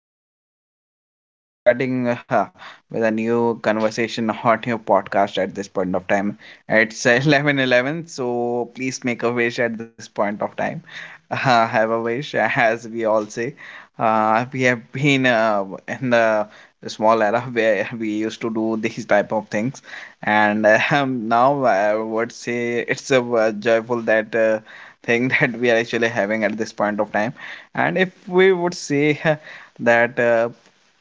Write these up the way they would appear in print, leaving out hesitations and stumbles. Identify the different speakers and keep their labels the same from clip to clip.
Speaker 1: point of time, and we are starting with a new conversation on your podcast at this point of time. It's 11:11, so please make a wish at this point of time. Have a wish, as we all say. We have been in the small era where we used to do these type of things, and now I would say it's a joyful that. Thing that we are actually having at this point of time, and if we would say that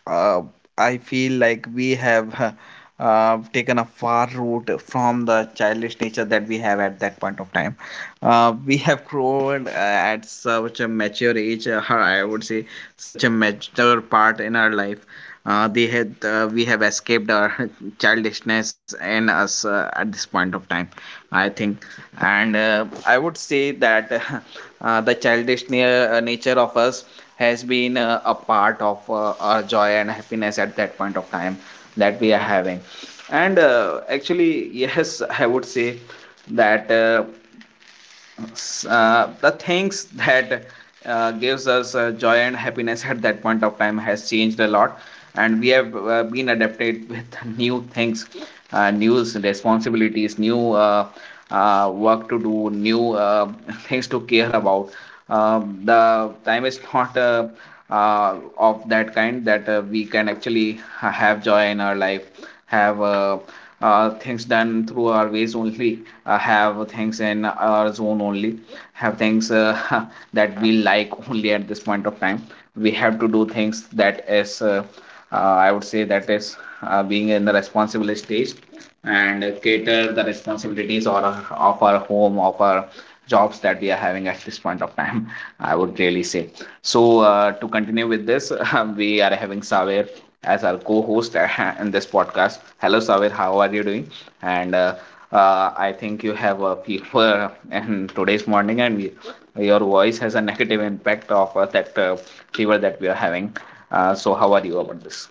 Speaker 1: uh, I feel like we have taken a far route from the childish nature that we have at that point of time. We have grown at such a mature age, I would say such a mature part in our life. Uh, they had uh, we have escaped our childishness in us at this point of time, I think. And I would say that the childish nature of us has been a part of our joy and happiness at that point of time that we are having. And actually, yes, I would say that the things that gives us joy and happiness at that point of time has changed a lot. And we have been adapted with new things, new responsibilities, new work to do, new things to care about. The time is not of that kind that we can actually have joy in our life, have things done through our ways only, have things in our zone only, have things that we like only at this point of time. We have to do things that is, I would say, that is being in the responsible stage and cater the responsibilities or of our home, of our jobs that we are having at this point of time, I would really say. So to continue with this, we are having Saver as our co-host, in this podcast. Hello Saver, how are you doing? And I think you have a fever in today's morning, and your voice has a negative impact of that fever that we are having. So how are you about this?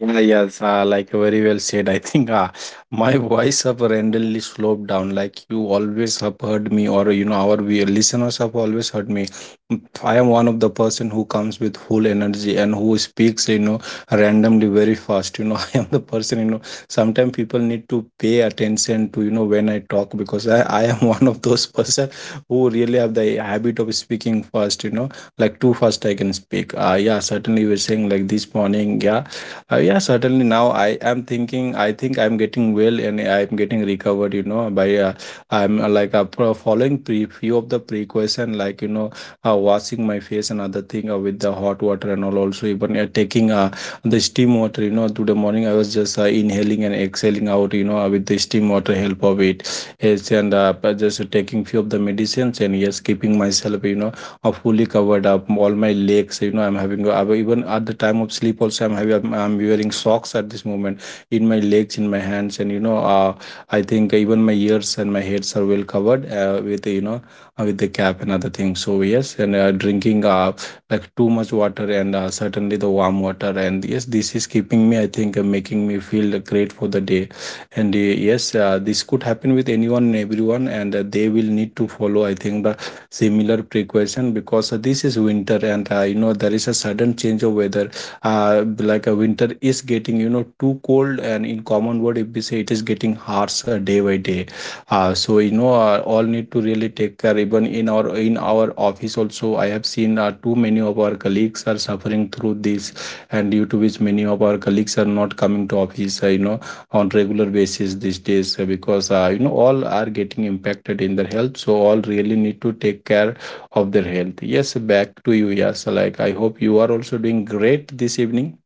Speaker 2: Yeah, yes, like very well said. I think my voice have randomly sloped down. Like you always have heard me, or you know, our we listeners have always heard me. I am one of the person who comes with full energy and who speaks, you know, randomly very fast. You know, I am the person, you know, sometimes people need to pay attention to, you know, when I talk because I am one of those person who really have the habit of speaking fast, you know, like too fast I can speak. Yeah, certainly we're saying like this morning, yeah yeah, certainly. Now I am thinking. I think I'm getting well and I'm getting recovered. You know, by I'm like following pre few of the precaution, like you know, washing my face and other thing with the hot water and all. Also, even taking the steam water. You know, today morning I was just inhaling and exhaling out. You know, with the steam water help of it. Yes, and but just taking few of the medicines and yes, keeping myself. Fully covered up all my legs, you know, even at the time of sleep also I'm having, I'm wearing socks at this moment in my legs, in my hands, and you know, I think even my ears and my heads are well covered with, you know, with the cap and other things. So yes, and drinking like too much water and certainly the warm water, and yes, this is keeping me, I think, making me feel great for the day. And yes, this could happen with anyone and everyone, and they will need to follow, I think, the similar precaution, because this is winter and you know, there is a sudden change of weather, like a winter is getting, you know, too cold, and in common word, if we say, it is getting harsh day by day. So you know, all need to really take care. Even in our office also, I have seen too many of our colleagues are suffering through this, and due to which many of our colleagues are not coming to office you know, on regular basis these days, because you know, all are getting impacted in their health. So all really need to take care of their health. Yes, back to you. Yes, like I hope you are also doing great this evening.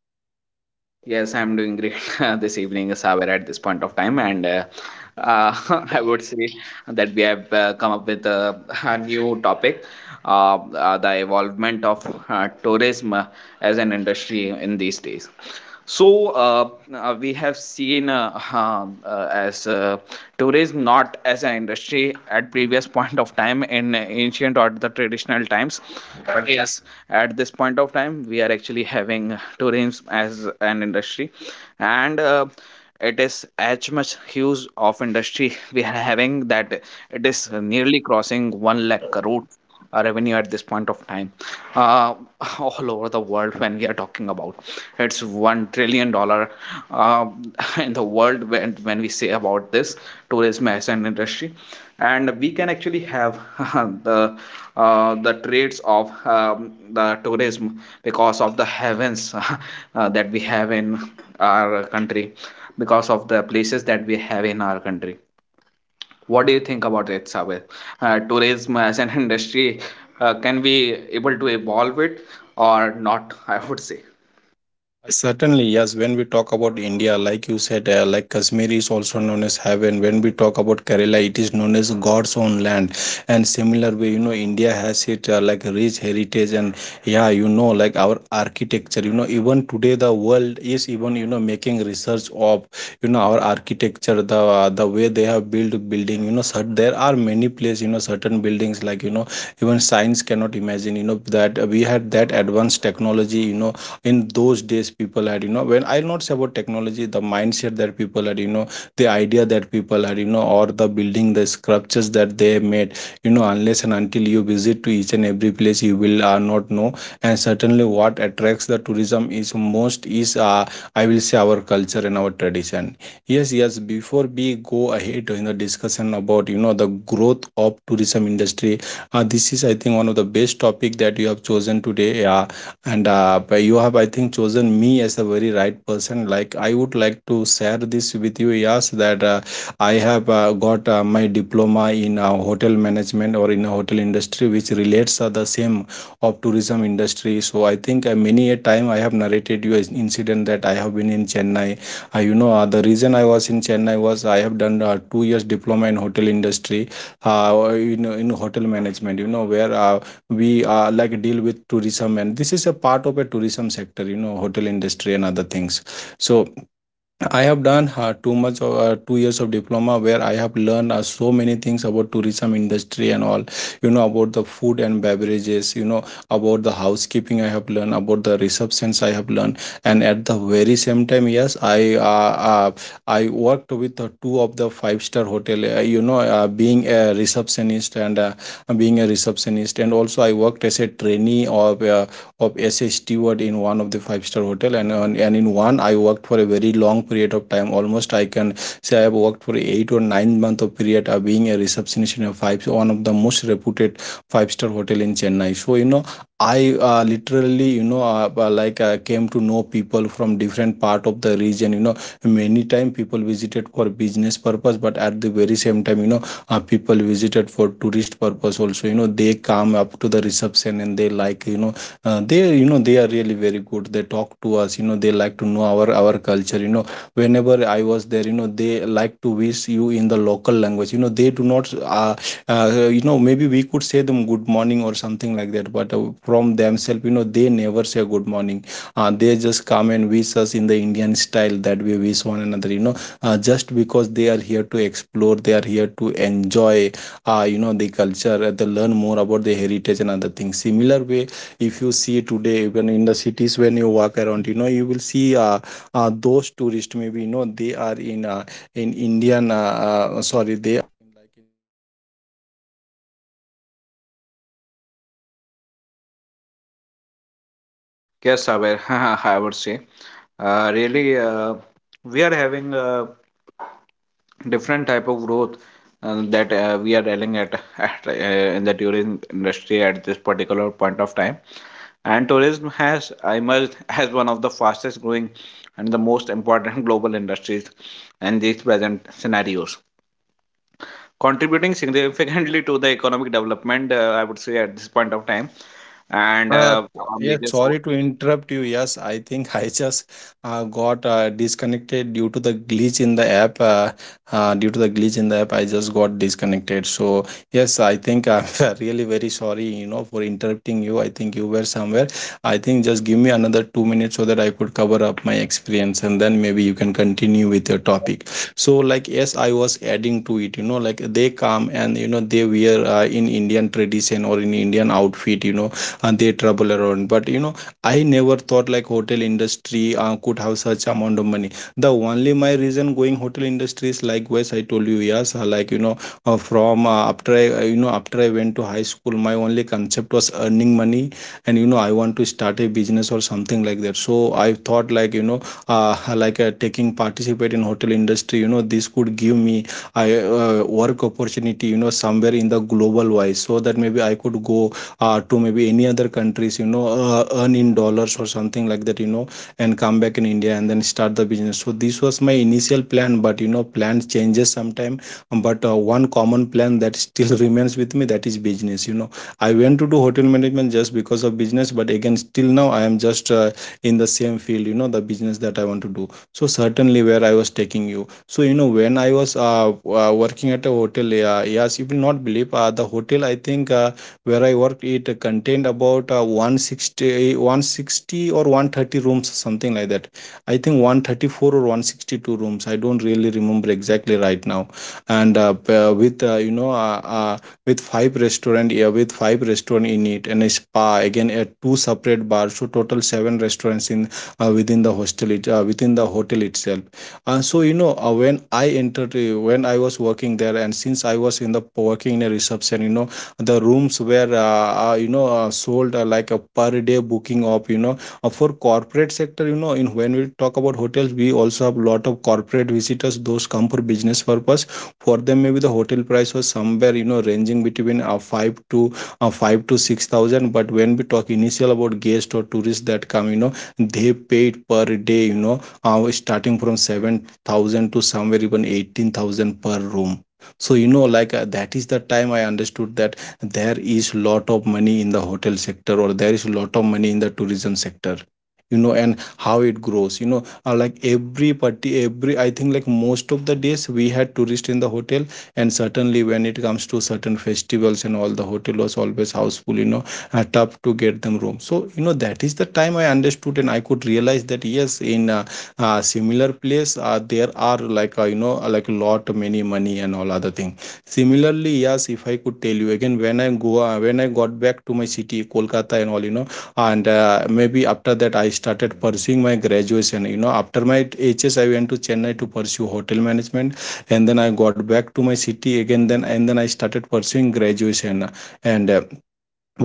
Speaker 1: Yes, I'm doing great this evening, Saber, at this point of time. And uh, I would say that we have come up with a, a new topic, the involvement of tourism as an industry in these days. So we have seen as tourism not as an industry at previous point of time, in ancient or the traditional times, but yes, at this point of time we are actually having tourism as an industry. And it is as much huge of industry we are having that it is nearly crossing 1 lakh crore revenue at this point of time, uh, all over the world. When we are talking about, it's $1 trillion um, in the world. When we say about this tourism as an industry, and we can actually have the the traits of the tourism, because of the heavens that we have in our country, because of the places that we have in our country. What do you think about it, Sabir? Tourism as an industry, can we able to evolve it or not? I would say.
Speaker 2: Certainly, yes. When we talk about India, like you said, like Kashmir is also known as heaven. When we talk about Kerala, it is known as God's own land. And similar way, you know, India has it like rich heritage and yeah, you know, like our architecture. You know, even today the world is even, you know, making research of, you know, our architecture, the the way they have built building. You know, there are many places. You know, certain buildings, like, you know, even science cannot imagine. You know that we had that advanced technology. You know, in those days people had, you know, when I'll not say about technology, the mindset that people had, you know, the idea that people had, you know, or the building, the sculptures that they made, you know, unless and until you visit to each and every place you will not know. And certainly what attracts the tourism is most is, I will say, our culture and our tradition. Yes, yes, before we go ahead in the discussion about, you know, the growth of tourism industry, this is, I think, one of the best topic that you have chosen today, and but you have, I think, chosen me as a very right person. Like I would like to share this with you, yes, that I have got my diploma in hotel management or in a hotel industry, which relates the same of tourism industry. So I think many a time I have narrated you an incident that I have been in Chennai. You know, the reason I was in Chennai was I have done 2 years diploma in hotel industry, in hotel management. You know where. We like deal with tourism, and this is a part of a tourism sector, you know, hotel industry and other things. So I have done too much of 2 years of diploma where I have learned so many things about tourism industry and all. You know, about the food and beverages. You know, about the housekeeping. I have learned about the receptions. I have learned, and at the very same time, yes, I worked with two of the five-star hotel. You know, being a receptionist, and also I worked as a trainee of as a steward in one of the five-star hotel. And in one I worked for a very long period of time. Almost I can say I have worked for 8 or 9 month of period of being a receptionist in a five one of the most reputed five-star hotel in Chennai. So you know, I literally, you know, like came to know people from different part of the region. You know, many time people visited for business purpose, but at the very same time, you know, people visited for tourist purpose also. You know, they come up to the reception and they like, you know, they, you know, they are really very good. They talk to us, you know, they like to know our culture. You know, whenever I was there, you know, they like to wish you in the local language. You know, they do not, uh, uh, you know, maybe we could say them good morning or something like that, but from themselves, you know, they never say good morning. They just come and wish us in the Indian style that we wish one another. You know, just because they are here to explore, they are here to enjoy, you know, the culture. They learn more about the heritage and other things. Similar way, if you see today, even in the cities, when you walk around, you know, you will see those tourists. Maybe, you know, they are in Indian, sorry, they
Speaker 1: Yes, Sabir, I would say. Really, we are having a different type of growth that we are dealing at, at in the tourism industry at this particular point of time. And tourism has emerged as one of the fastest growing and the most important global industries in these present scenarios, contributing significantly to the economic development, I would say, at this point of time. And
Speaker 2: Uh,
Speaker 1: our
Speaker 2: yes,
Speaker 1: major
Speaker 2: sorry to interrupt you. Yes, I think I just got disconnected due to the glitch in the app. Due to the glitch in the app, I just got disconnected. So yes, I think I'm really very sorry, you know, for interrupting you. I think you were somewhere. I think just give me another 2 minutes so that I could cover up my experience, and then maybe you can continue with your topic. So like yes, I was adding to it. You know, like they come and you know they wear in Indian tradition or in Indian outfit. You know, and they travel around, but you know, I never thought like hotel industry could have such amount of money. The only my reason going hotel industry is likewise I told you, yes, like you know, from after I you know, after I went to high school, my only concept was earning money, and you know, I want to start a business or something like that. So I thought like, you know, uh, like taking participate in hotel industry, you know, this could give me I work opportunity, you know, somewhere in the global wise, so that maybe I could go to maybe any other countries, you know, earn in dollars or something like that, you know, and come back in India and then start the business. So this was my initial plan, but you know, plans changes sometime. But one common plan that still remains with me, that is business. You know, I went to do hotel management just because of business, but again, still now I am just in the same field. You know, the business that I want to do. So certainly, where I was taking you. So you know, when I was working at a hotel, yes, you will not believe the hotel, I think, where I worked, it contained about 160, 160 or 130 rooms, something like that. I think 134 or 162 rooms. I don't really remember exactly right now. And with you know with five restaurant, yeah, with five restaurant in it and a spa. Again, two separate bars. So total seven restaurants in within the hotel itself. So you know when I entered, When I was working there, and since I was in the working in a reception, you know the rooms were sold like a per day booking of you know for corporate sector. You know, in when we talk about hotels, we also have lot of corporate visitors those come for business purpose. For them maybe the hotel price was somewhere, you know, ranging between 5 to 6,000. But when we talk initial about guests or tourists that come, you know, they paid per day, you know, starting from 7,000 to somewhere even 18,000 per room. So you know, that is the time I understood that there is lot of money in the hotel sector, or there is lot of money in the tourism sector, you know. And how it grows, you know, like every party, every I think like most of the days we had tourists in the hotel. And certainly when it comes to certain festivals and all, the hotel was always houseful, you know, tough to get them room. So you know, that is the time I understood and I could realize that yes, in a similar place there are like like a lot many money and all other thing. Similarly, yes, if I could tell you again, when when I got back to my city, Kolkata and all, you know, and maybe after that I started pursuing my graduation. You know, after my HS, I went to Chennai to pursue hotel management, and then I got back to my city again. Then I started pursuing graduation, and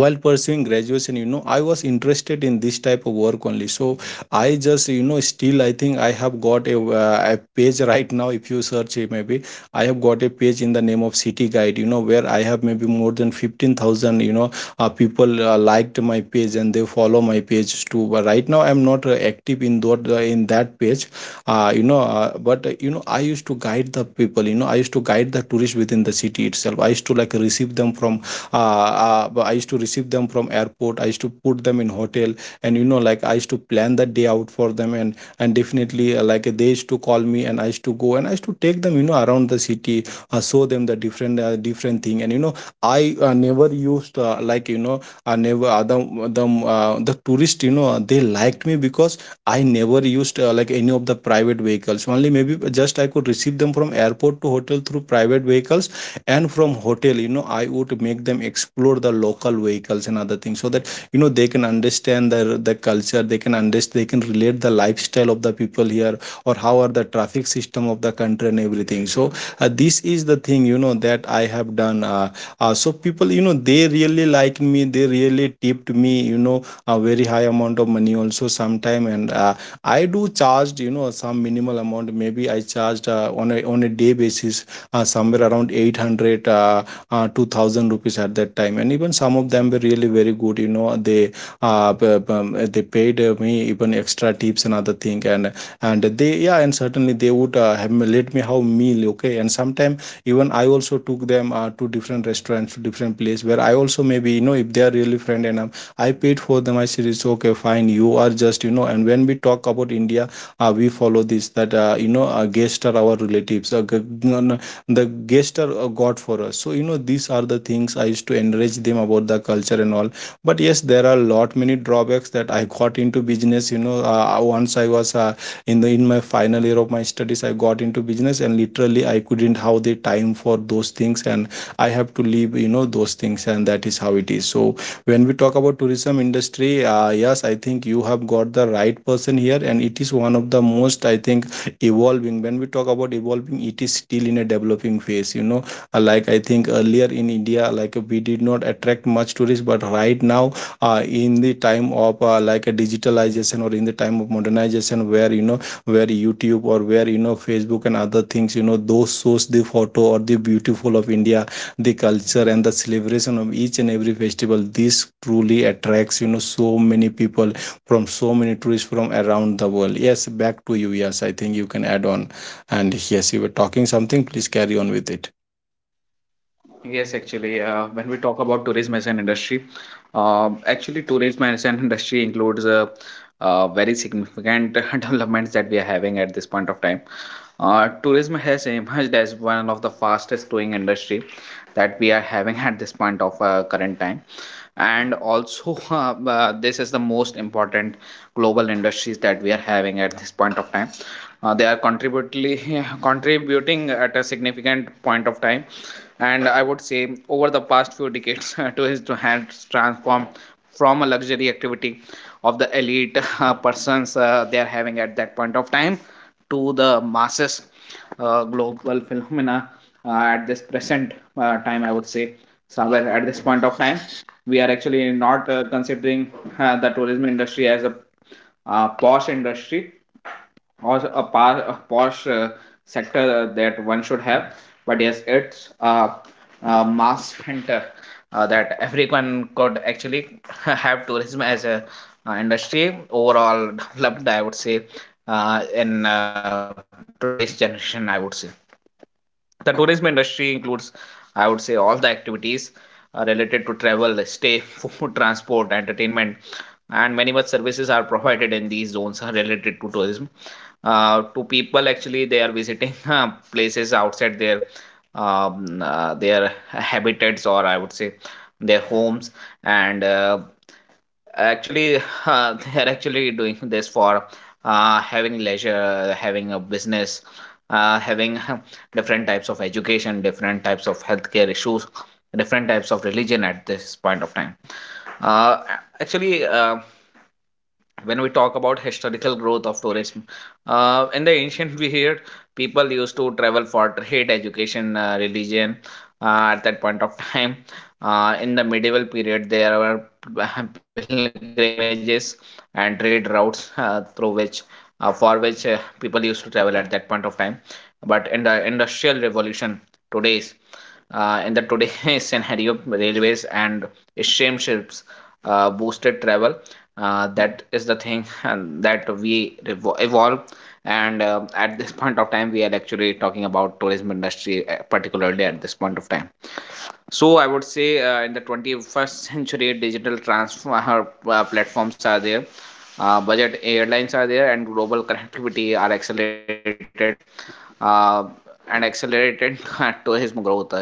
Speaker 2: while pursuing graduation, you know, I was interested in this type of work only. So I just, you know, still I think I have got a page right now. If you search it, maybe I have got a page in the name of city guide, you know, where I have maybe more than 15,000, you know, people liked my page and they follow my page too. But right now I'm not active in that page. You know, I used to guide the people, you know. I used to guide the tourists within the city itself. I used to like receive them from but I used to receive them from airport. I used to put them in hotel. And you know, like I used to plan the day out for them. And definitely like they used to call me and I used to go and I used to take them, you know, around the city, show them the different different thing. And you know, I never used like you know I never the the tourist, you know, they liked me because I never used like any of the private vehicles. Only maybe just I could receive them from airport to hotel through private vehicles, and from hotel, you know, I would make them explore the local vehicles and other things, so that you know they can understand the culture. They can understand, they can relate the lifestyle of the people here, or how are the traffic system of the country and everything. So this is the thing, you know, that I have done. So people, you know, they really liked me, they really tipped me, you know, a very high amount of money also sometime. And I do charged, you know, some minimal amount. Maybe I charged on a day basis somewhere around 800 uh, uh, 2,000 rupees at that time. And even some of them were really very good, you know. They they paid me even extra tips and other thing. And they, yeah, and certainly they would have let me have meal, okay. And sometime even I also took them to different restaurants, to different place, where I also maybe, you know, if they are really friend enough, I paid for them. I said it's okay, fine, you are just, you know. And when we talk about India, we follow this that, guests are our relatives. G- n- the Guests are god for us. So you know, these are the things I used to encourage them about the culture and all. But yes, there are a lot many drawbacks that I got into business, you know. Once I was In the in my final year of my studies, I got into business and literally I couldn't have the time for those things. And I have to leave, you know, those things, and that is how it is. So when we talk about tourism industry, yes, I think you have got the right person here, and it is one of the most I think evolving. When we talk about evolving, it is still in a developing phase, you know. Like I think earlier in India, like we did not attract much tourists. But right now in the time of like a digitalization, or in the time of modernization, where you know, where YouTube or where you know Facebook and other things, you know, those shows the photo or the beautiful of India, the culture and the celebration of each and every festival. This truly attracts, you know, so many people, from so many tourists from around the world. Yes, back to you. Yes, I think you can add on. And yes, you were talking something, please carry on with it.
Speaker 1: Yes, actually, when we talk about tourism as an industry, actually, tourism as an industry includes very significant developments that we are having at this point of time. Tourism has emerged as one of the fastest growing industry that we are having at this point of current time, and also this is the most important global industries that we are having at this point of time. They are contributing, contributing at a significant point of time, and I would say over the past few decades, tourism has transformed from a luxury activity of the elite persons they are having at that point of time, to the masses, global phenomena, at this present time, I would say. Somewhere at this point of time, we are actually not considering the tourism industry as a posh industry, or a posh sector that one should have. But yes, it's a mass center that everyone could actually have tourism as a industry overall developed. I would say in today's generation, I would say. The tourism industry includes, I would say, all the activities related to travel, stay, food, transport, entertainment, and many much services are provided in these zones are related to tourism. To people, actually, they are visiting places outside their habitats, or I would say their homes. And actually, they are actually doing this for having leisure, having a business, having different types of education, different types of healthcare issues, different types of religion at this point of time. Uh, Actually, when we talk about historical growth of tourism, in the ancient period, people used to travel for trade, education, religion, at that point of time. In the medieval period there were pilgrimages and trade routes through which, for which people used to travel at that point of time. But in the industrial revolution, today's in the today scenario, railways and steamships boosted travel, that is the thing. And that we evolve. And at this point of time we are actually talking about tourism industry, particularly at this point of time. So I would say in the 21st century, digital transfer platforms are there, budget airlines are there, and global connectivity are accelerated, uh, and accelerated tourism growth is there,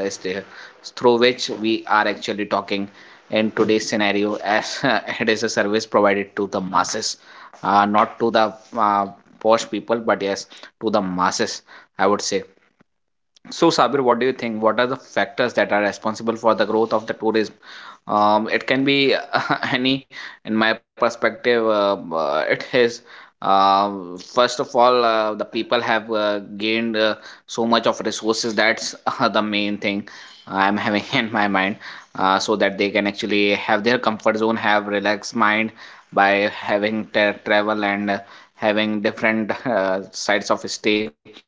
Speaker 1: through which we are actually talking in today's scenario, as it is a service provided to the masses, not to the uh, posh people, but yes, to the masses, I would say. So, Sabir, what do you think? What are the factors that are responsible for the growth of the tourism? It can be any, in my perspective, it is. Uh, First of all, the people have gained so much of resources. That's the main thing I'm having in my mind, so that they can actually have their comfort zone, have relaxed mind by having travel, and having different sides of stay.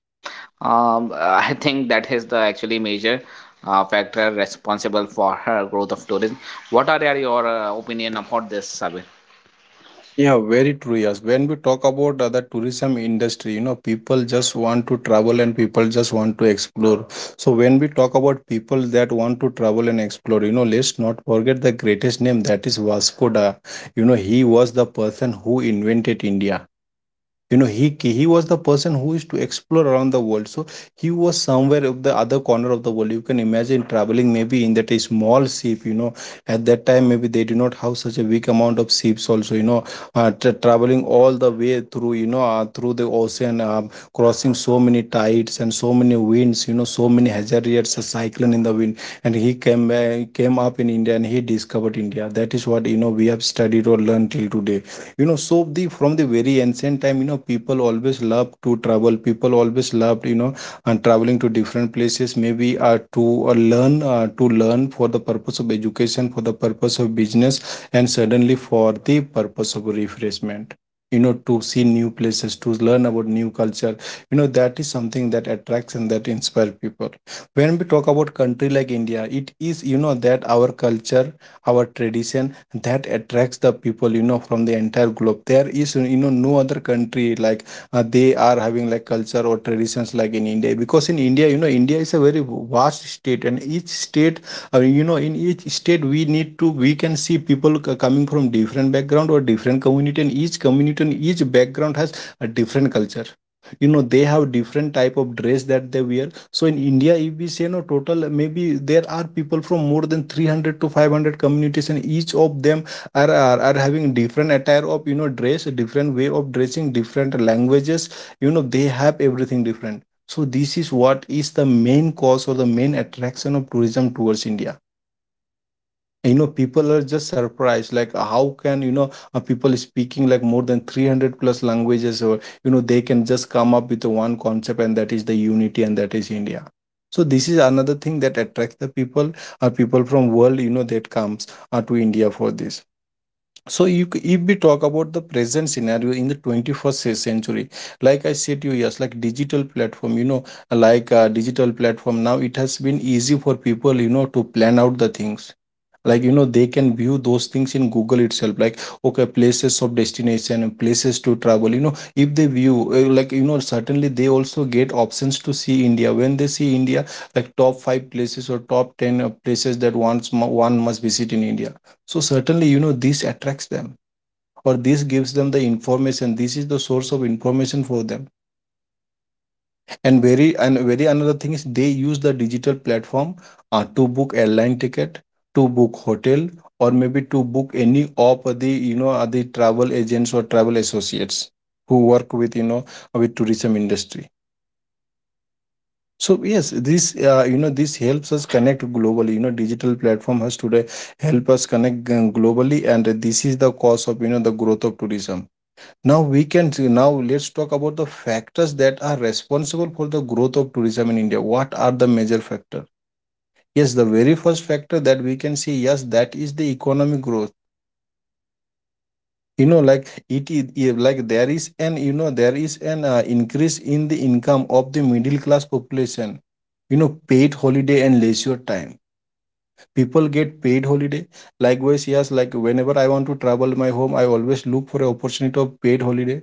Speaker 1: I think that is the actually major factor responsible for her growth of tourism. What are your opinion about this, Sabir?
Speaker 2: Yeah, very true. Yes, when we talk about the tourism industry, you know, people just want to travel and people just want to explore. So when we talk about people that want to travel and explore, you know, let's not forget the greatest name, that is Vasco da. You know, he was the person who invented India, you know. He was the person who used to explore around the world. So he was somewhere of the other corner of the world, you can imagine traveling maybe in that a small ship, you know. At that time maybe they do not have such a big amount of ships also, you know, traveling all the way through, you know, through the ocean, crossing so many tides and so many winds, you know, so many hazards, a cyclone in the wind. And he came came up in India, and he discovered India. That is what, you know, we have studied or learned till today, you know. So the from the very ancient time, you know, people always love to travel, people always loved, you know. And traveling to different places, maybe to learn for the purpose of education, for the purpose of business, and suddenly for the purpose of refreshment, you know, to see new places, to learn about new culture, you know. That is something that attracts and that inspires people. When we talk about country like India, it is, you know, that our culture, our tradition, that attracts the people, you know, from the entire globe. There is, you know, no other country like they are having, like culture or traditions like in India. Because in India, you know, India is a very vast state and each state you know, in each state, we need to we can see people coming from different background or different community. And each community and each background has a different culture, you know. They have different type of dress that they wear. So in India, if we say no total, maybe there are people from more than 300 to 500 communities, and each of them are having different attire of, you know, dress, different way of dressing, different languages. You know, they have everything different. So this is what is the main cause or the main attraction of tourism towards India. You know people are just surprised like how can people speaking like more than 300 plus languages, or you know they can just come up with one concept, and that is the unity, and that is India. So this is another thing that attracts the people or people from world, you know, that comes to India for this. So if we talk about the present scenario in the 21st century, like I said to you, yes, like digital platform, you know, digital platform, now it has been easy for people, you know, to plan out the things. Like, they can view those things in Google itself. Like okay, places of destination, and places to travel. You know, if they view, certainly they also get options to see India. When they see India, like top five places or top ten places that one must visit in India. So certainly, you know, this attracts them, or this gives them the information. This is the source of information for them. And very another thing is they use the digital platform to book airline ticket, to book hotel, or maybe to book any of the the travel agents or travel associates who work with, you know, with tourism industry. So yes, this this helps us connect globally. You know, digital platform has today help us connect, globally, and this is the cause of, you know, the growth of tourism. Now we can see, now let's talk about the factors that are responsible for the growth of tourism in India. What are the major factors? Yes, the very first factor that we can see, yes, that is the economic growth. You know, like it is, yeah, like there is an increase in the income of the middle class population. You know, paid holiday and leisure time, people get paid holiday. Likewise, yes, like whenever I want to travel my home, I always look for an opportunity of paid holiday.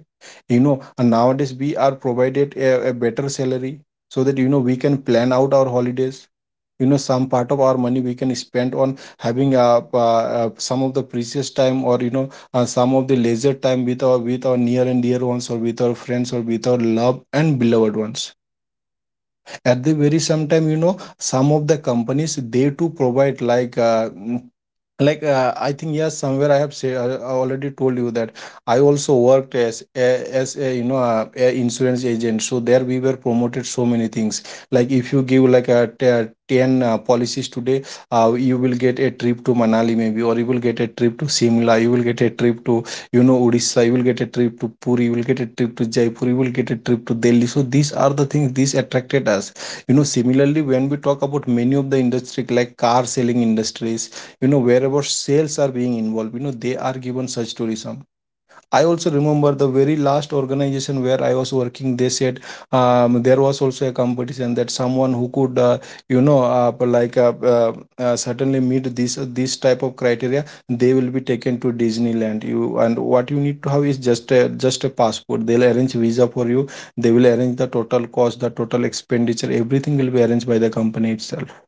Speaker 2: You know, and nowadays we are provided a better salary, so that, you know, we can plan out our holidays. You know, some part of our money we can spend on having some of the precious time, or some of the leisure time with our, with our near and dear ones, or with our friends, or with our loved and beloved ones. At the very same time, you know, some of the companies, they too provide I think, yes, somewhere I have said, I already told you that I also worked as as a, a insurance agent. So there we were promoted so many things. Like if you give like 10 policies today, you will get a trip to Manali, maybe, or you will get a trip to Simla, you will get a trip to, you know, Odisha, you will get a trip to Puri, you will get a trip to Jaipur, you will get a trip to Delhi. So these are the things, these attracted us. You know, similarly, when we talk about many of the industry, like car selling industries, you know, wherever sales are being involved, you know, they are given such tourism. I also remember the very last organization where I was working. They said, there was also a competition that someone who could, you know, uh, like uh, uh, certainly meet this type of criteria, they will be taken to Disneyland. You and what you need to have is just a passport. They'll arrange visa for you. They will arrange the total cost, the total expenditure. Everything will be arranged by the company itself.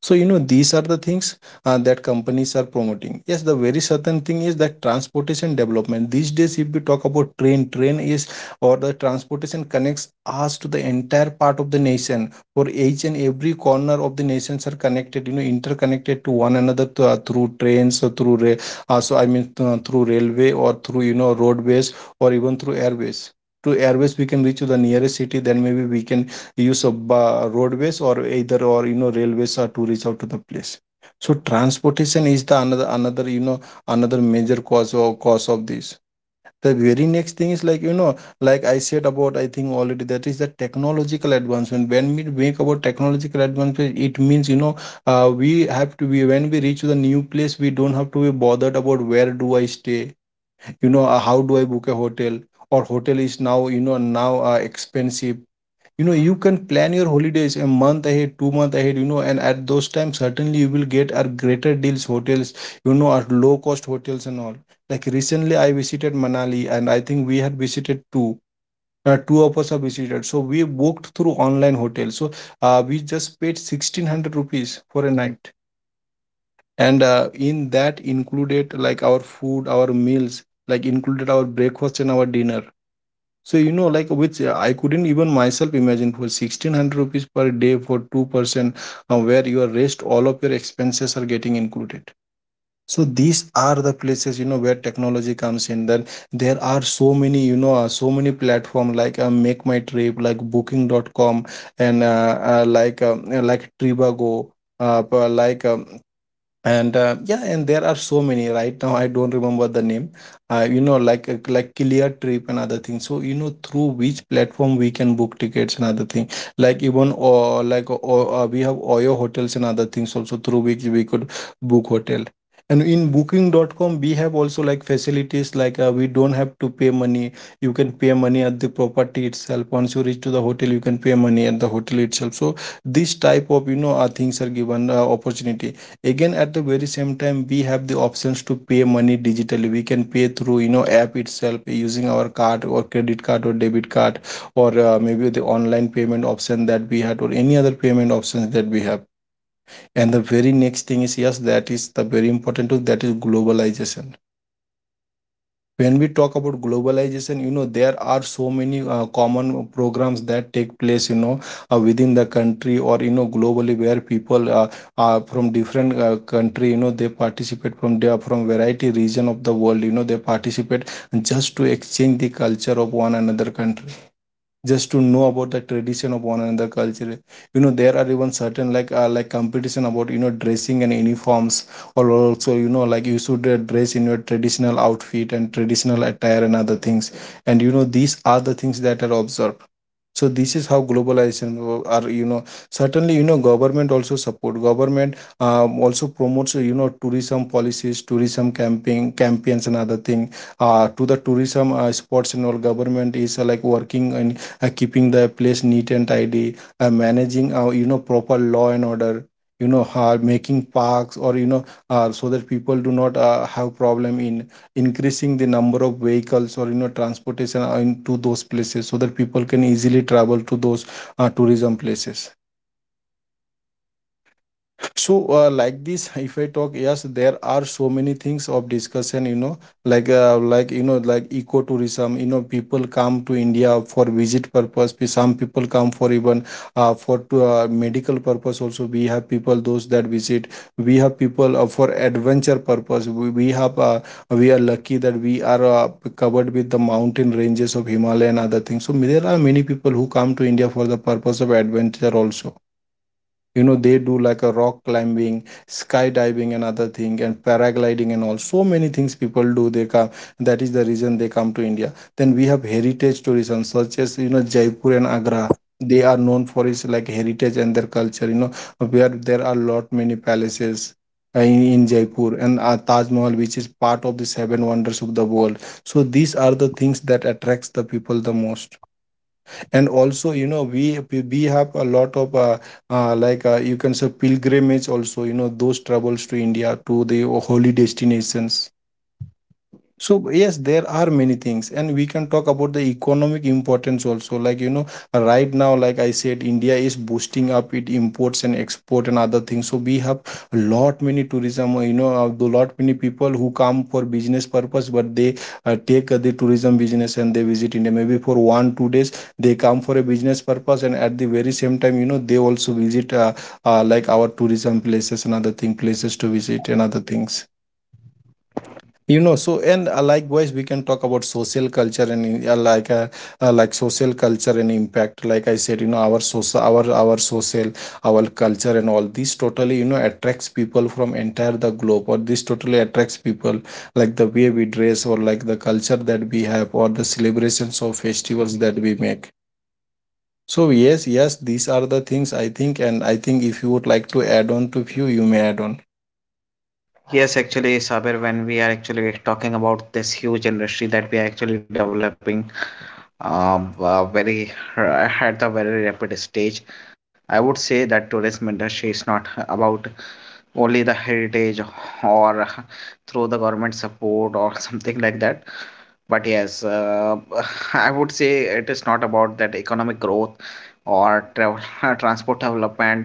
Speaker 2: So, you know, these are the things that companies are promoting. Yes, the very certain thing is that transportation development. These days, if we talk about train, train is or the transportation connects us to the entire part of the nation. For each and every corner of the nations are connected, you know, interconnected to one another to, through trains, or through rail, through railway, or through, you know, roadways, or even through airways. To airways, we can reach to the nearest city. Then maybe we can use of roadways, or either, or you know, railways are to reach out to the place. So transportation is the another another you know another major cause or cause of this. The very next thing is, like, you know, like I said about, I think already, that is the technological advancement. When we make about technological advancement, it means, you know, we have to be, when we reach the new place, we don't have to be bothered about where do I stay. You know, how do I book a hotel, or hotel is now, you know, now expensive. You know, you can plan your holidays a month ahead, 2 month ahead, you know, and at those times certainly you will get our greater deals hotels, you know, our low cost hotels and all. Like recently I visited Manali, and I think we had visited two, two of us have visited. So we booked through online hotel, so we just paid 1600 rupees for a night, and in that included like our food, our meals, like included our breakfast and our dinner. So you know, like which I couldn't even myself imagine for 1600 rupees per day for two person, where your rest, all of your expenses are getting included. So these are the places, you know, where technology comes in. Then there are so many, so many platform, like Make My Trip, like Booking.com, and like Trivago, pa- like and yeah, and there are so many, right now I don't remember the name, like Clear Trip and other things, so you know, through which platform we can book tickets and other thing. Like even we have OYO hotels and other things also, through which we could book hotel. And in Booking.com, we have also like facilities like, we don't have to pay money. You can pay money at the property itself. Once you reach to the hotel, you can pay money at the hotel itself. So this type of, you know, things are given, opportunity. Again, at the very same time, we have the options to pay money digitally. We can pay through, you know, app itself, using our card, or credit card, or debit card, or maybe the online payment option that we had, or any other payment options that we have. And the very next thing is, yes, that is the very important tool, that is globalization. When we talk about globalization, you know, there are so many common programs that take place, you know, within the country, or you know, globally, where people, are from different country, you know, they participate from their, from variety region of the world, you know, they participate just to exchange the culture of one another country, just to know about the tradition of one another culture. You know, there are even certain like competition about, you know, dressing and uniforms, or also you know like, you should dress in your traditional outfit and traditional attire and other things. And you know, these are the things that are observed. So this is how globalization are, you know, certainly, you know, government also support, government also promotes, you know, tourism policies, tourism camping campaigns and other thing, to the tourism spots and all. Government is like working, and keeping the place neat and tidy, managing, you know, proper law and order. You know, making parks, or you know, so that people do not have problem in increasing the number of vehicles, or you know, transportation, into those places, so that people can easily travel to those tourism places. So like this, if I talk, yes, there are so many things of discussion, you know, like like ecotourism. You know, people come to India for visit purpose, some people come for even, for to medical purpose also, we have people those that visit. We have people, for adventure purpose. We have we are lucky that we are covered with the mountain ranges of Himalaya and other things, so there are many people who come to India for the purpose of adventure also. You know, they do like a rock climbing, skydiving and other thing, and paragliding and all. So many things people do, they come, that is the reason they come to India. Then we have heritage tourism, such as, you know, Jaipur and Agra. They are known for its like heritage and their culture. You know, where there are lot many palaces in Jaipur, and Taj Mahal, which is part of the seven wonders of the world. So these are the things that attracts the people the most. And also, you know, we have a lot of you can say pilgrimage also, those travels to India to the holy destinations. So yes, there are many things, and we can talk about the economic importance also. Like right now, like I said, India is boosting up it imports and export and other things. So we have a lot many tourism. You know, a lot many people who come for business purpose, but they take the tourism business and they visit India. Maybe for 1 or 2 days, they come for a business purpose, and at the very same time, they also visit like our tourism places and other thing places to visit and other things, so. And likewise we can talk about social culture and like social culture and impact, like I said, our social, our social, our culture and all this totally, attracts people from entire the globe, or this totally attracts people like the way we dress or like the culture that we have or the celebrations or festivals that we make. So yes, these are the things, I think, and I think if you would like to add on to few, you may add on.
Speaker 1: Yes, actually, Sabir, when we are actually talking about this huge industry that we are actually developing, very at the very rapid stage. I would say that tourism industry is not about only the heritage, or through the government support or something like that. But yes, I would say it is not about that economic growth or travel, transport development,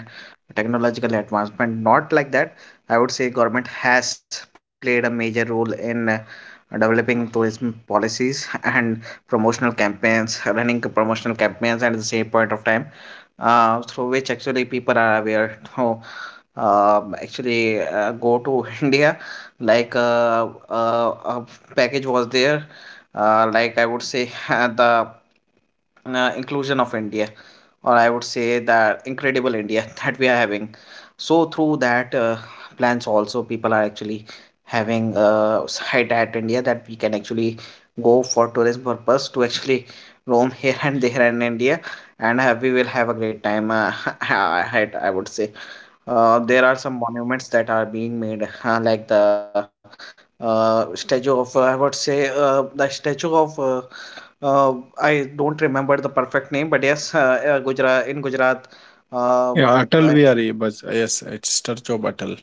Speaker 1: technological advancement, not like that. I would say government has played a major role in developing tourism policies and promotional campaigns, running promotional campaigns at the same point of time, through which actually people are aware to actually go to India. Like a package was there, like I would say the inclusion of India, or I would say that incredible India that we are having. So through that plans also, people are actually having a site at India that we can actually go for tourism purpose, to actually roam here and there in India, and we will have a great time. I would say. There are some monuments that are being made, like the statue of, I would say, the statue of uh, I don't remember the perfect name, but yes, Gujarat in Gujarat, uh,
Speaker 2: Yeah, Atal, we are, but yes, it's Sir job Atal.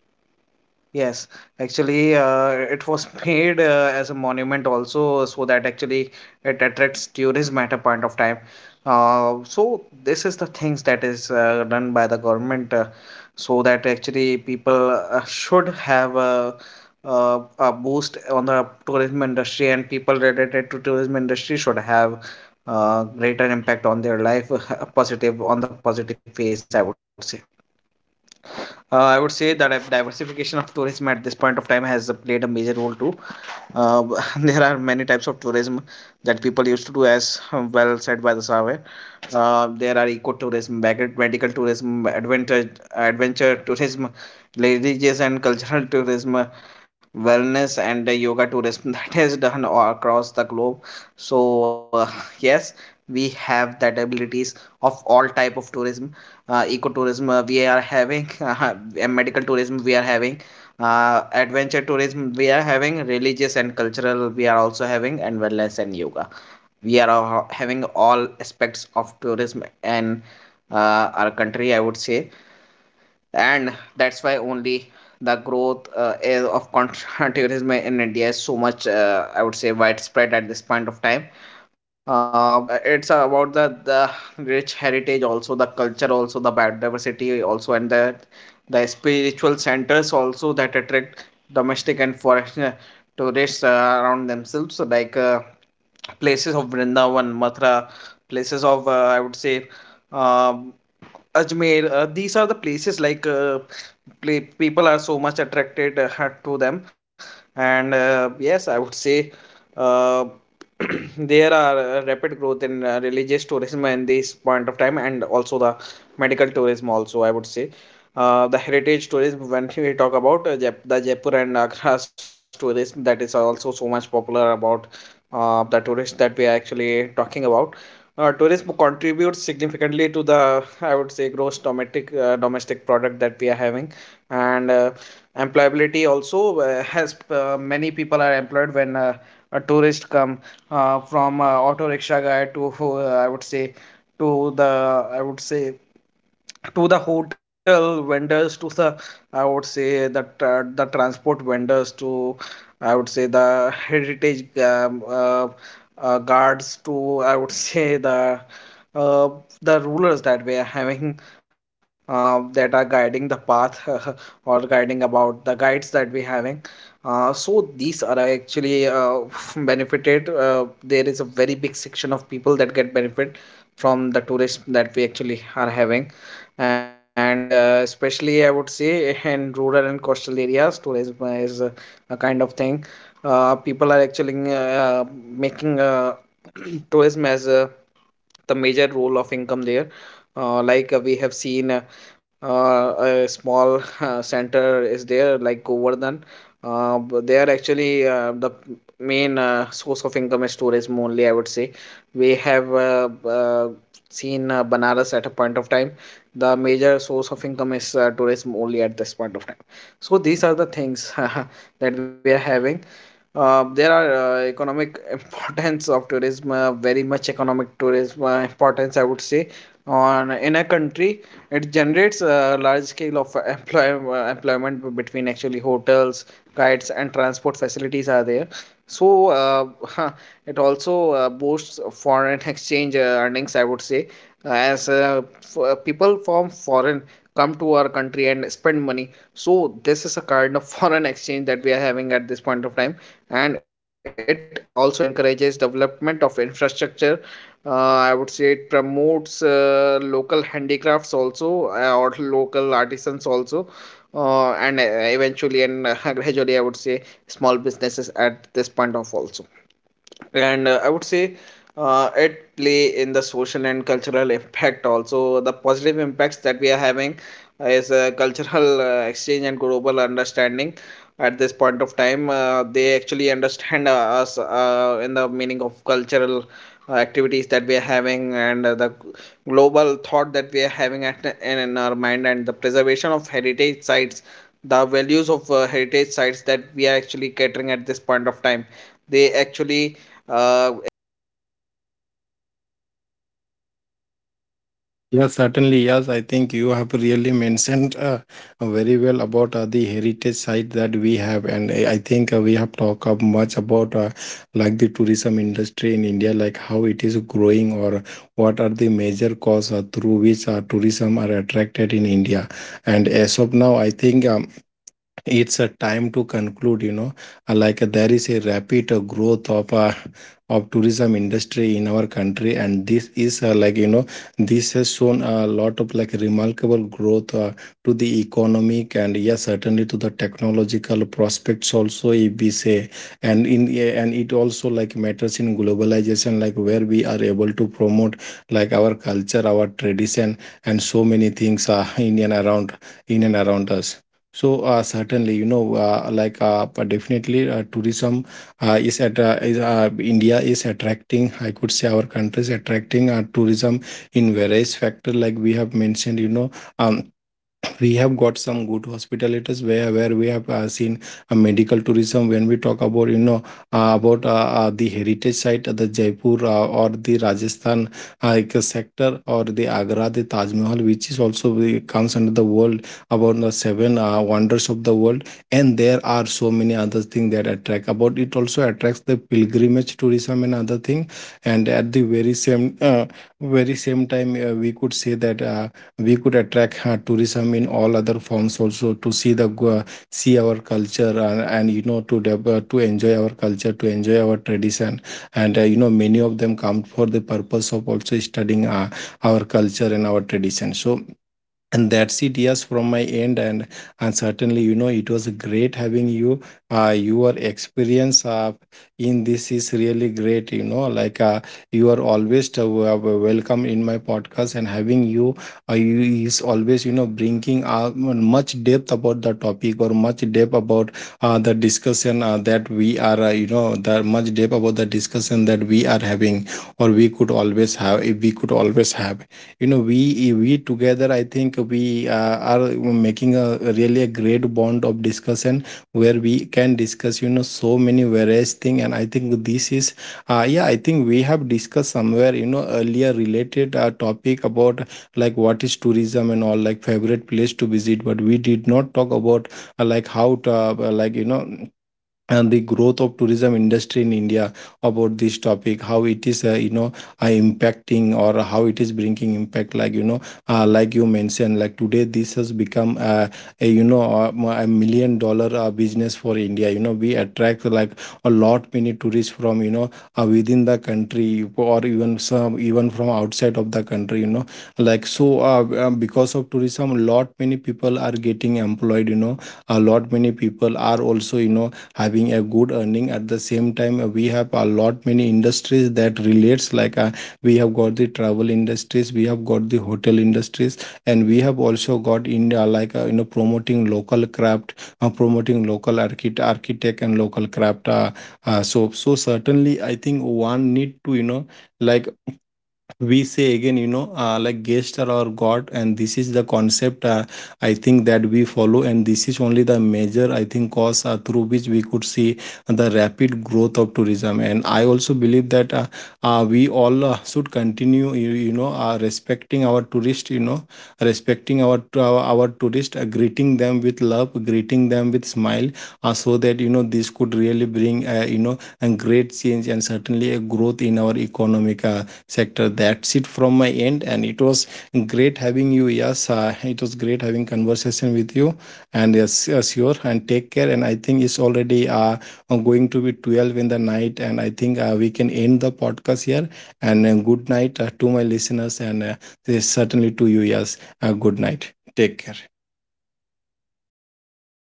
Speaker 1: yes, actually, it was made as a monument also, so that actually it attracts tourism at a point of time. So this is the things that is done by the government, so that actually people should have a boost on the tourism industry, and people related to tourism industry should have greater impact on their life, positive on the positive face, I would say. I would say that diversification of tourism at this point of time has played a major role too. Uh, there are many types of tourism that people used to do, as well said by the survey. There are ecotourism, medical tourism, adventure tourism, religious and cultural tourism, wellness and yoga tourism that is done all across the globe. So yes, we have that abilities of all type of tourism, ecotourism we are having, and medical tourism we are having, adventure tourism we are having, religious and cultural we are also having, and wellness and yoga we are having all aspects of tourism, and our country, I would say. And that's why only the growth is of contra tourism in India is so much, I would say, widespread at this point of time. uh, it's about the rich heritage also, the culture also, the biodiversity also, and the spiritual centers also that attract domestic and foreign tourists around themselves. So like, places of Vrindavan, Mathura, places of, I would say, um, Ajmer, these are the places like, people are so much attracted to them, and yes, I would say, uh, there are rapid growth in religious tourism in this point of time, and also the medical tourism. Also, I would say the heritage tourism. When we talk about the Jaipur and Agra's tourism, that is also so much popular about the tourists that we are actually talking about. Tourism contributes significantly to the, I would say, gross domestic domestic product that we are having, and employability also, has many people are employed when a tourist come, from auto rickshaw guy to I would say, to the, I would say, to the hotel vendors, to the, I would say that, the transport vendors, to, I would say, the heritage, guards, to, I would say, uh, the rulers that we are having, that are guiding the path, or guiding about the guides that we having. So these are actually benefited. There is a very big section of people that get benefit from the tourism that we actually are having, and especially I would say in rural and coastal areas, tourism is a kind of thing, people are actually making tourism as a the major role of income there. We have seen, uh, a small center is there, like Govardhan. But they are actually, the main source of income is tourism only, I would say. We have seen Banaras at a point of time. The major source of income is tourism only at this point of time. So these are the things that we are having. There are economic importance of tourism, very much economic tourism, importance, I would say. On in a country, it generates a large scale of employment between actually hotels, guides, and transport facilities are there. So it also boosts foreign exchange earnings, I would say, as people from foreign come to our country and spend money. So this is a kind of foreign exchange that we are having at this point of time, and it also encourages development of infrastructure. I would say it promotes local handicrafts also, or local artisans also, and eventually and gradually, I would say, small businesses at this point of also. And I would say it play in the social and cultural impact also, the positive impacts that we are having is a cultural exchange and global understanding. At this point of time they actually understand us in the meaning of cultural activities that we are having, and the global thought that we are having in our mind, and the preservation of heritage sites, the values of heritage sites that we are actually catering at this point of time. They actually, if they get about this, they get to our moral values that we are having at
Speaker 2: Yeah,
Speaker 1: all times.
Speaker 2: certainly. Yes, I think
Speaker 1: uh,
Speaker 2: you have really
Speaker 1: Improvement in
Speaker 2: mentioned
Speaker 1: local living
Speaker 2: very
Speaker 1: standards
Speaker 2: well
Speaker 1: that we are
Speaker 2: about
Speaker 1: having
Speaker 2: the
Speaker 1: at this point
Speaker 2: heritage
Speaker 1: of time,
Speaker 2: site that we
Speaker 1: when
Speaker 2: have,
Speaker 1: we are
Speaker 2: and I
Speaker 1: actually
Speaker 2: I
Speaker 1: full
Speaker 2: think
Speaker 1: of
Speaker 2: we have
Speaker 1: resources,
Speaker 2: talked up
Speaker 1: and
Speaker 2: much about
Speaker 1: we are actually
Speaker 2: like the
Speaker 1: I
Speaker 2: tourism
Speaker 1: would say
Speaker 2: industry
Speaker 1: over
Speaker 2: in India,
Speaker 1: exploiting
Speaker 2: like
Speaker 1: the
Speaker 2: how it is
Speaker 1: resources. So
Speaker 2: growing,
Speaker 1: we
Speaker 2: or
Speaker 1: are living in
Speaker 2: what are
Speaker 1: a
Speaker 2: the
Speaker 1: zone
Speaker 2: major
Speaker 1: that,
Speaker 2: causes through
Speaker 1: the
Speaker 2: which
Speaker 1: standards have been
Speaker 2: tourism are
Speaker 1: actually
Speaker 2: attracted in India.
Speaker 1: improved in
Speaker 2: And
Speaker 1: our
Speaker 2: as of
Speaker 1: lives.
Speaker 2: now, I think.
Speaker 1: uh,
Speaker 2: It's a time
Speaker 1: I
Speaker 2: to
Speaker 1: would say, what
Speaker 2: conclude,
Speaker 1: is the negative
Speaker 2: There
Speaker 1: impacts
Speaker 2: is a
Speaker 1: of the
Speaker 2: rapid
Speaker 1: tourism that we are
Speaker 2: growth
Speaker 1: having.
Speaker 2: of
Speaker 1: There are
Speaker 2: tourism
Speaker 1: no such,
Speaker 2: industry
Speaker 1: I
Speaker 2: in
Speaker 1: would
Speaker 2: our
Speaker 1: say,
Speaker 2: country,
Speaker 1: negative
Speaker 2: and this
Speaker 1: impacts,
Speaker 2: is,
Speaker 1: but
Speaker 2: like
Speaker 1: yes,
Speaker 2: this has shown a
Speaker 1: if
Speaker 2: lot of like
Speaker 1: being in
Speaker 2: remarkable
Speaker 1: depth,
Speaker 2: growth
Speaker 1: there are
Speaker 2: to the
Speaker 1: many of them,
Speaker 2: economic, and
Speaker 1: I would
Speaker 2: yes,
Speaker 1: say,
Speaker 2: certainly to the
Speaker 1: the negative
Speaker 2: technological
Speaker 1: impacts.
Speaker 2: prospects
Speaker 1: So,
Speaker 2: also, if we
Speaker 1: overcrowding and
Speaker 2: say.
Speaker 1: pollution has
Speaker 2: And in
Speaker 1: increased
Speaker 2: and
Speaker 1: as
Speaker 2: it also
Speaker 1: the
Speaker 2: like
Speaker 1: number of
Speaker 2: matters in
Speaker 1: people is increased,
Speaker 2: globalization, like where we are
Speaker 1: um,
Speaker 2: able to
Speaker 1: when
Speaker 2: promote
Speaker 1: tourism is, I
Speaker 2: like
Speaker 1: would
Speaker 2: our
Speaker 1: say,
Speaker 2: culture, our
Speaker 1: is
Speaker 2: tradition,
Speaker 1: happened or
Speaker 2: and so
Speaker 1: people
Speaker 2: many
Speaker 1: comes
Speaker 2: things
Speaker 1: from
Speaker 2: are in
Speaker 1: outside.
Speaker 2: and around,
Speaker 1: Uh,
Speaker 2: in and around us
Speaker 1: Cultural
Speaker 2: So certainly,
Speaker 1: commercialization there is
Speaker 2: like
Speaker 1: there
Speaker 2: but
Speaker 1: where
Speaker 2: definitely,
Speaker 1: actually people
Speaker 2: tourism
Speaker 1: all the people are engaged in that
Speaker 2: India is
Speaker 1: tourism
Speaker 2: attracting. I
Speaker 1: industry
Speaker 2: could say our
Speaker 1: only. They
Speaker 2: country
Speaker 1: are
Speaker 2: is
Speaker 1: actually,
Speaker 2: attracting
Speaker 1: many
Speaker 2: tourism
Speaker 1: more much
Speaker 2: in various
Speaker 1: dependence
Speaker 2: factor,
Speaker 1: on
Speaker 2: like we have
Speaker 1: tourism
Speaker 2: mentioned. You know,
Speaker 1: industry is
Speaker 2: um,
Speaker 1: there
Speaker 2: we
Speaker 1: for all
Speaker 2: have
Speaker 1: the
Speaker 2: got
Speaker 1: peoples.
Speaker 2: some good
Speaker 1: If the good
Speaker 2: hospitalities where
Speaker 1: tourism is
Speaker 2: we have
Speaker 1: actually
Speaker 2: seen
Speaker 1: halted
Speaker 2: a
Speaker 1: at a
Speaker 2: medical
Speaker 1: point of
Speaker 2: tourism.
Speaker 1: time,
Speaker 2: When we talk about,
Speaker 1: people will have a
Speaker 2: about
Speaker 1: great impact in
Speaker 2: the
Speaker 1: their life,
Speaker 2: heritage site,
Speaker 1: as we
Speaker 2: the
Speaker 1: have
Speaker 2: Jaipur
Speaker 1: seen
Speaker 2: or
Speaker 1: an
Speaker 2: the
Speaker 1: incident in
Speaker 2: Rajasthan
Speaker 1: Kashmir was there,
Speaker 2: sector, or the Agra, the
Speaker 1: due
Speaker 2: Taj
Speaker 1: to
Speaker 2: Mahal,
Speaker 1: some
Speaker 2: which
Speaker 1: attack
Speaker 2: is
Speaker 1: or
Speaker 2: also
Speaker 1: something like that.
Speaker 2: comes under the world,
Speaker 1: The
Speaker 2: about
Speaker 1: tourism
Speaker 2: the
Speaker 1: has
Speaker 2: seven
Speaker 1: stopped, and
Speaker 2: wonders of the
Speaker 1: it
Speaker 2: world.
Speaker 1: has
Speaker 2: And
Speaker 1: actually
Speaker 2: there are so
Speaker 1: changed
Speaker 2: many
Speaker 1: all
Speaker 2: other
Speaker 1: the
Speaker 2: things that
Speaker 1: lives there.
Speaker 2: attract about
Speaker 1: They,
Speaker 2: it,
Speaker 1: the
Speaker 2: also attracts
Speaker 1: peoples
Speaker 2: the
Speaker 1: there actually,
Speaker 2: pilgrimage
Speaker 1: at
Speaker 2: tourism
Speaker 1: the
Speaker 2: and other
Speaker 1: tourism
Speaker 2: thing.
Speaker 1: point of
Speaker 2: And
Speaker 1: time,
Speaker 2: at the very same
Speaker 1: having
Speaker 2: uh,
Speaker 1: lakhs
Speaker 2: very
Speaker 1: of
Speaker 2: same
Speaker 1: income
Speaker 2: time, we
Speaker 1: made
Speaker 2: could say that
Speaker 1: in a single
Speaker 2: we
Speaker 1: day,
Speaker 2: could
Speaker 1: but
Speaker 2: attract
Speaker 1: actually,
Speaker 2: tourism in
Speaker 1: in the
Speaker 2: all
Speaker 1: very
Speaker 2: other
Speaker 1: next
Speaker 2: forms
Speaker 1: year they
Speaker 2: also
Speaker 1: will
Speaker 2: to see
Speaker 1: not, they were
Speaker 2: see
Speaker 1: not
Speaker 2: our
Speaker 1: being able
Speaker 2: culture,
Speaker 1: to actually
Speaker 2: and you know,
Speaker 1: gain in
Speaker 2: to enjoy
Speaker 1: thousands
Speaker 2: our
Speaker 1: also
Speaker 2: culture, to enjoy our
Speaker 1: at this
Speaker 2: tradition.
Speaker 1: point of time.
Speaker 2: And
Speaker 1: so
Speaker 2: many of them
Speaker 1: uh,
Speaker 2: come for
Speaker 1: I
Speaker 2: the
Speaker 1: would say,
Speaker 2: purpose of also
Speaker 1: we have
Speaker 2: studying
Speaker 1: talked a lot,
Speaker 2: our culture and
Speaker 1: but
Speaker 2: our
Speaker 1: yes,
Speaker 2: tradition.
Speaker 1: there are
Speaker 2: So
Speaker 1: some points
Speaker 2: and that's
Speaker 1: left
Speaker 2: it,
Speaker 1: with
Speaker 2: yes,
Speaker 1: us,
Speaker 2: from my end.
Speaker 1: so
Speaker 2: And
Speaker 1: we have to
Speaker 2: certainly, you
Speaker 1: actually
Speaker 2: know,
Speaker 1: go
Speaker 2: it was
Speaker 1: through it,
Speaker 2: great
Speaker 1: and
Speaker 2: having you.
Speaker 1: we so that
Speaker 2: Your
Speaker 1: we can actually
Speaker 2: experience in
Speaker 1: pull
Speaker 2: this
Speaker 1: in the
Speaker 2: is
Speaker 1: depth,
Speaker 2: really
Speaker 1: and we
Speaker 2: great. You know, like
Speaker 1: can
Speaker 2: you
Speaker 1: have
Speaker 2: are
Speaker 1: a great
Speaker 2: always
Speaker 1: communication to
Speaker 2: welcome in my
Speaker 1: stop
Speaker 2: podcast, and
Speaker 1: with.
Speaker 2: having you,
Speaker 1: uh, i would
Speaker 2: you is
Speaker 1: say the
Speaker 2: always, you know, bringing much depth
Speaker 1: future
Speaker 2: about the
Speaker 1: of if
Speaker 2: topic,
Speaker 1: we
Speaker 2: or
Speaker 1: talk about
Speaker 2: much
Speaker 1: the
Speaker 2: depth
Speaker 1: future
Speaker 2: about
Speaker 1: of
Speaker 2: the
Speaker 1: tourism
Speaker 2: discussion
Speaker 1: industry,
Speaker 2: that we are,
Speaker 1: that should be a
Speaker 2: the much
Speaker 1: sustainable
Speaker 2: depth
Speaker 1: and
Speaker 2: about the
Speaker 1: responsible
Speaker 2: discussion that we
Speaker 1: tourism
Speaker 2: are
Speaker 1: should be
Speaker 2: having, or
Speaker 1: promoted at this point of time.
Speaker 2: we could always
Speaker 1: uh,
Speaker 2: have, you know,
Speaker 1: the tourism
Speaker 2: we
Speaker 1: should
Speaker 2: we
Speaker 1: be
Speaker 2: together, I
Speaker 1: actually
Speaker 2: think
Speaker 1: digital
Speaker 2: we
Speaker 1: and
Speaker 2: are
Speaker 1: smart
Speaker 2: making a
Speaker 1: enough
Speaker 2: really a
Speaker 1: to be
Speaker 2: great
Speaker 1: actually
Speaker 2: bond of
Speaker 1: revolved
Speaker 2: discussion
Speaker 1: all
Speaker 2: where
Speaker 1: around.
Speaker 2: we can discuss, you know,
Speaker 1: I would say
Speaker 2: so many
Speaker 1: eco-friendly
Speaker 2: various
Speaker 1: and
Speaker 2: thing. And I think
Speaker 1: community-based
Speaker 2: this is
Speaker 1: tourism
Speaker 2: yeah, I
Speaker 1: should be
Speaker 2: think we
Speaker 1: there.
Speaker 2: have discussed
Speaker 1: uh,
Speaker 2: somewhere, you know, earlier related
Speaker 1: Growth
Speaker 2: topic
Speaker 1: of
Speaker 2: about
Speaker 1: domestic
Speaker 2: like what is
Speaker 1: tourism should
Speaker 2: tourism
Speaker 1: be
Speaker 2: and all, like
Speaker 1: promoted
Speaker 2: favorite place
Speaker 1: at
Speaker 2: to
Speaker 1: such a
Speaker 2: visit, but
Speaker 1: level
Speaker 2: we did
Speaker 1: that
Speaker 2: not talk about
Speaker 1: people
Speaker 2: like
Speaker 1: should be
Speaker 2: how to,
Speaker 1: benefited, and also eventually and
Speaker 2: and the
Speaker 1: gradually the
Speaker 2: growth of
Speaker 1: economy,
Speaker 2: tourism
Speaker 1: the
Speaker 2: industry in
Speaker 1: GDP
Speaker 2: India,
Speaker 1: of our
Speaker 2: about this
Speaker 1: country, should
Speaker 2: topic,
Speaker 1: be
Speaker 2: how it is,
Speaker 1: I would say promoted at
Speaker 2: impacting
Speaker 1: this
Speaker 2: or
Speaker 1: point of
Speaker 2: how it
Speaker 1: time.
Speaker 2: is bringing impact,
Speaker 1: We
Speaker 2: like
Speaker 1: should focus on less
Speaker 2: like
Speaker 1: and
Speaker 2: you mentioned, like today this has
Speaker 1: destinations at
Speaker 2: become
Speaker 1: this point of
Speaker 2: a
Speaker 1: time.
Speaker 2: you know m- a million dollar
Speaker 1: Whereas I would
Speaker 2: business
Speaker 1: say,
Speaker 2: for India. You
Speaker 1: if
Speaker 2: know,
Speaker 1: I
Speaker 2: we attract
Speaker 1: want to
Speaker 2: like
Speaker 1: go to
Speaker 2: a
Speaker 1: Thailand
Speaker 2: lot
Speaker 1: or
Speaker 2: many
Speaker 1: something like
Speaker 2: tourists
Speaker 1: that,
Speaker 2: from, within the
Speaker 1: I have
Speaker 2: country,
Speaker 1: to
Speaker 2: or
Speaker 1: actually
Speaker 2: even some even from
Speaker 1: focus
Speaker 2: outside of
Speaker 1: less
Speaker 2: the
Speaker 1: on
Speaker 2: country,
Speaker 1: these places.
Speaker 2: like. So because of
Speaker 1: So
Speaker 2: tourism,
Speaker 1: there
Speaker 2: lot
Speaker 1: comes the
Speaker 2: many
Speaker 1: conclusion
Speaker 2: people are
Speaker 1: part.
Speaker 2: getting employed,
Speaker 1: I would say
Speaker 2: a
Speaker 1: the
Speaker 2: lot many
Speaker 1: tourism
Speaker 2: people are
Speaker 1: industry
Speaker 2: also,
Speaker 1: has shown
Speaker 2: having
Speaker 1: the
Speaker 2: a good
Speaker 1: remarkable
Speaker 2: earning. At the
Speaker 1: developments
Speaker 2: same
Speaker 1: or
Speaker 2: time, we have a lot many
Speaker 1: improvements
Speaker 2: industries
Speaker 1: due to
Speaker 2: that
Speaker 1: the
Speaker 2: relates,
Speaker 1: social
Speaker 2: like
Speaker 1: development that
Speaker 2: we
Speaker 1: we
Speaker 2: have
Speaker 1: are
Speaker 2: got the
Speaker 1: having,
Speaker 2: travel
Speaker 1: the
Speaker 2: industries,
Speaker 1: technical
Speaker 2: we have
Speaker 1: progress
Speaker 2: got
Speaker 1: that
Speaker 2: the
Speaker 1: we are
Speaker 2: hotel
Speaker 1: having, and the
Speaker 2: industries, and
Speaker 1: globalization
Speaker 2: we
Speaker 1: that we
Speaker 2: have
Speaker 1: are
Speaker 2: also
Speaker 1: actually
Speaker 2: got in,
Speaker 1: revolving with. Uh,
Speaker 2: promoting
Speaker 1: if
Speaker 2: local
Speaker 1: uh,
Speaker 2: craft,
Speaker 1: if
Speaker 2: promoting local
Speaker 1: the tourism is
Speaker 2: architect
Speaker 1: actually
Speaker 2: and local
Speaker 1: managed
Speaker 2: craft.
Speaker 1: sustainably,
Speaker 2: So so certainly
Speaker 1: tourism
Speaker 2: I
Speaker 1: can
Speaker 2: think
Speaker 1: become a
Speaker 2: one need
Speaker 1: powerful
Speaker 2: to,
Speaker 1: tool for,
Speaker 2: like
Speaker 1: I would say,
Speaker 2: we say again,
Speaker 1: inclusive
Speaker 2: like
Speaker 1: growth
Speaker 2: guests are
Speaker 1: at
Speaker 2: our
Speaker 1: the point of
Speaker 2: god,
Speaker 1: time,
Speaker 2: and this is the
Speaker 1: cultural
Speaker 2: concept
Speaker 1: preservation at a
Speaker 2: I
Speaker 1: point of
Speaker 2: think
Speaker 1: time,
Speaker 2: that
Speaker 1: and
Speaker 2: we
Speaker 1: I would
Speaker 2: follow,
Speaker 1: say
Speaker 2: and this is only the major,
Speaker 1: environmental
Speaker 2: I think, cause
Speaker 1: protection,
Speaker 2: through which
Speaker 1: and
Speaker 2: we could see the
Speaker 1: lastly
Speaker 2: rapid growth of
Speaker 1: uh,
Speaker 2: tourism. And I
Speaker 1: gaining a
Speaker 2: also believe
Speaker 1: place in
Speaker 2: that
Speaker 1: world,
Speaker 2: we
Speaker 1: that
Speaker 2: all
Speaker 1: is
Speaker 2: should continue,
Speaker 1: to the
Speaker 2: you know,
Speaker 1: superpower
Speaker 2: respecting
Speaker 1: at
Speaker 2: our
Speaker 1: this point
Speaker 2: tourist,
Speaker 1: of time. So through
Speaker 2: respecting
Speaker 1: this, I would
Speaker 2: our
Speaker 1: like to
Speaker 2: tourist,
Speaker 1: conclude
Speaker 2: greeting
Speaker 1: today's
Speaker 2: them with
Speaker 1: session,
Speaker 2: love,
Speaker 1: Sabir, at this
Speaker 2: greeting
Speaker 1: point
Speaker 2: them
Speaker 1: of
Speaker 2: with
Speaker 1: time.
Speaker 2: smile, so that, you know, this could really bring, a great change, and certainly a growth in our economic sector. That's
Speaker 1: Yes,
Speaker 2: it from my
Speaker 1: actually, huh.
Speaker 2: end, and it was
Speaker 1: Uh, so
Speaker 2: great
Speaker 1: uh,
Speaker 2: having
Speaker 1: we are
Speaker 2: you. Yes,
Speaker 1: concluding this
Speaker 2: it was
Speaker 1: session.
Speaker 2: great
Speaker 1: Thank
Speaker 2: having
Speaker 1: you so much,
Speaker 2: conversation
Speaker 1: Saber,
Speaker 2: with you.
Speaker 1: and thank
Speaker 2: And
Speaker 1: you so
Speaker 2: yes,
Speaker 1: much,
Speaker 2: sure,
Speaker 1: audience, for
Speaker 2: and take
Speaker 1: being
Speaker 2: care. And
Speaker 1: there,
Speaker 2: I think it's
Speaker 1: and
Speaker 2: already going
Speaker 1: having a
Speaker 2: to be
Speaker 1: lovely
Speaker 2: 12
Speaker 1: time
Speaker 2: in the
Speaker 1: with
Speaker 2: night, and I think
Speaker 1: us.
Speaker 2: we can
Speaker 1: We are
Speaker 2: end the
Speaker 1: actually
Speaker 2: podcast here. And
Speaker 1: have
Speaker 2: good night to my
Speaker 1: gained
Speaker 2: listeners,
Speaker 1: that
Speaker 2: and
Speaker 1: progress
Speaker 2: certainly to you.
Speaker 1: of
Speaker 2: Yes,
Speaker 1: this
Speaker 2: good
Speaker 1: industry,
Speaker 2: night,
Speaker 1: and
Speaker 2: take care.
Speaker 1: the knowledgeable points we should have, and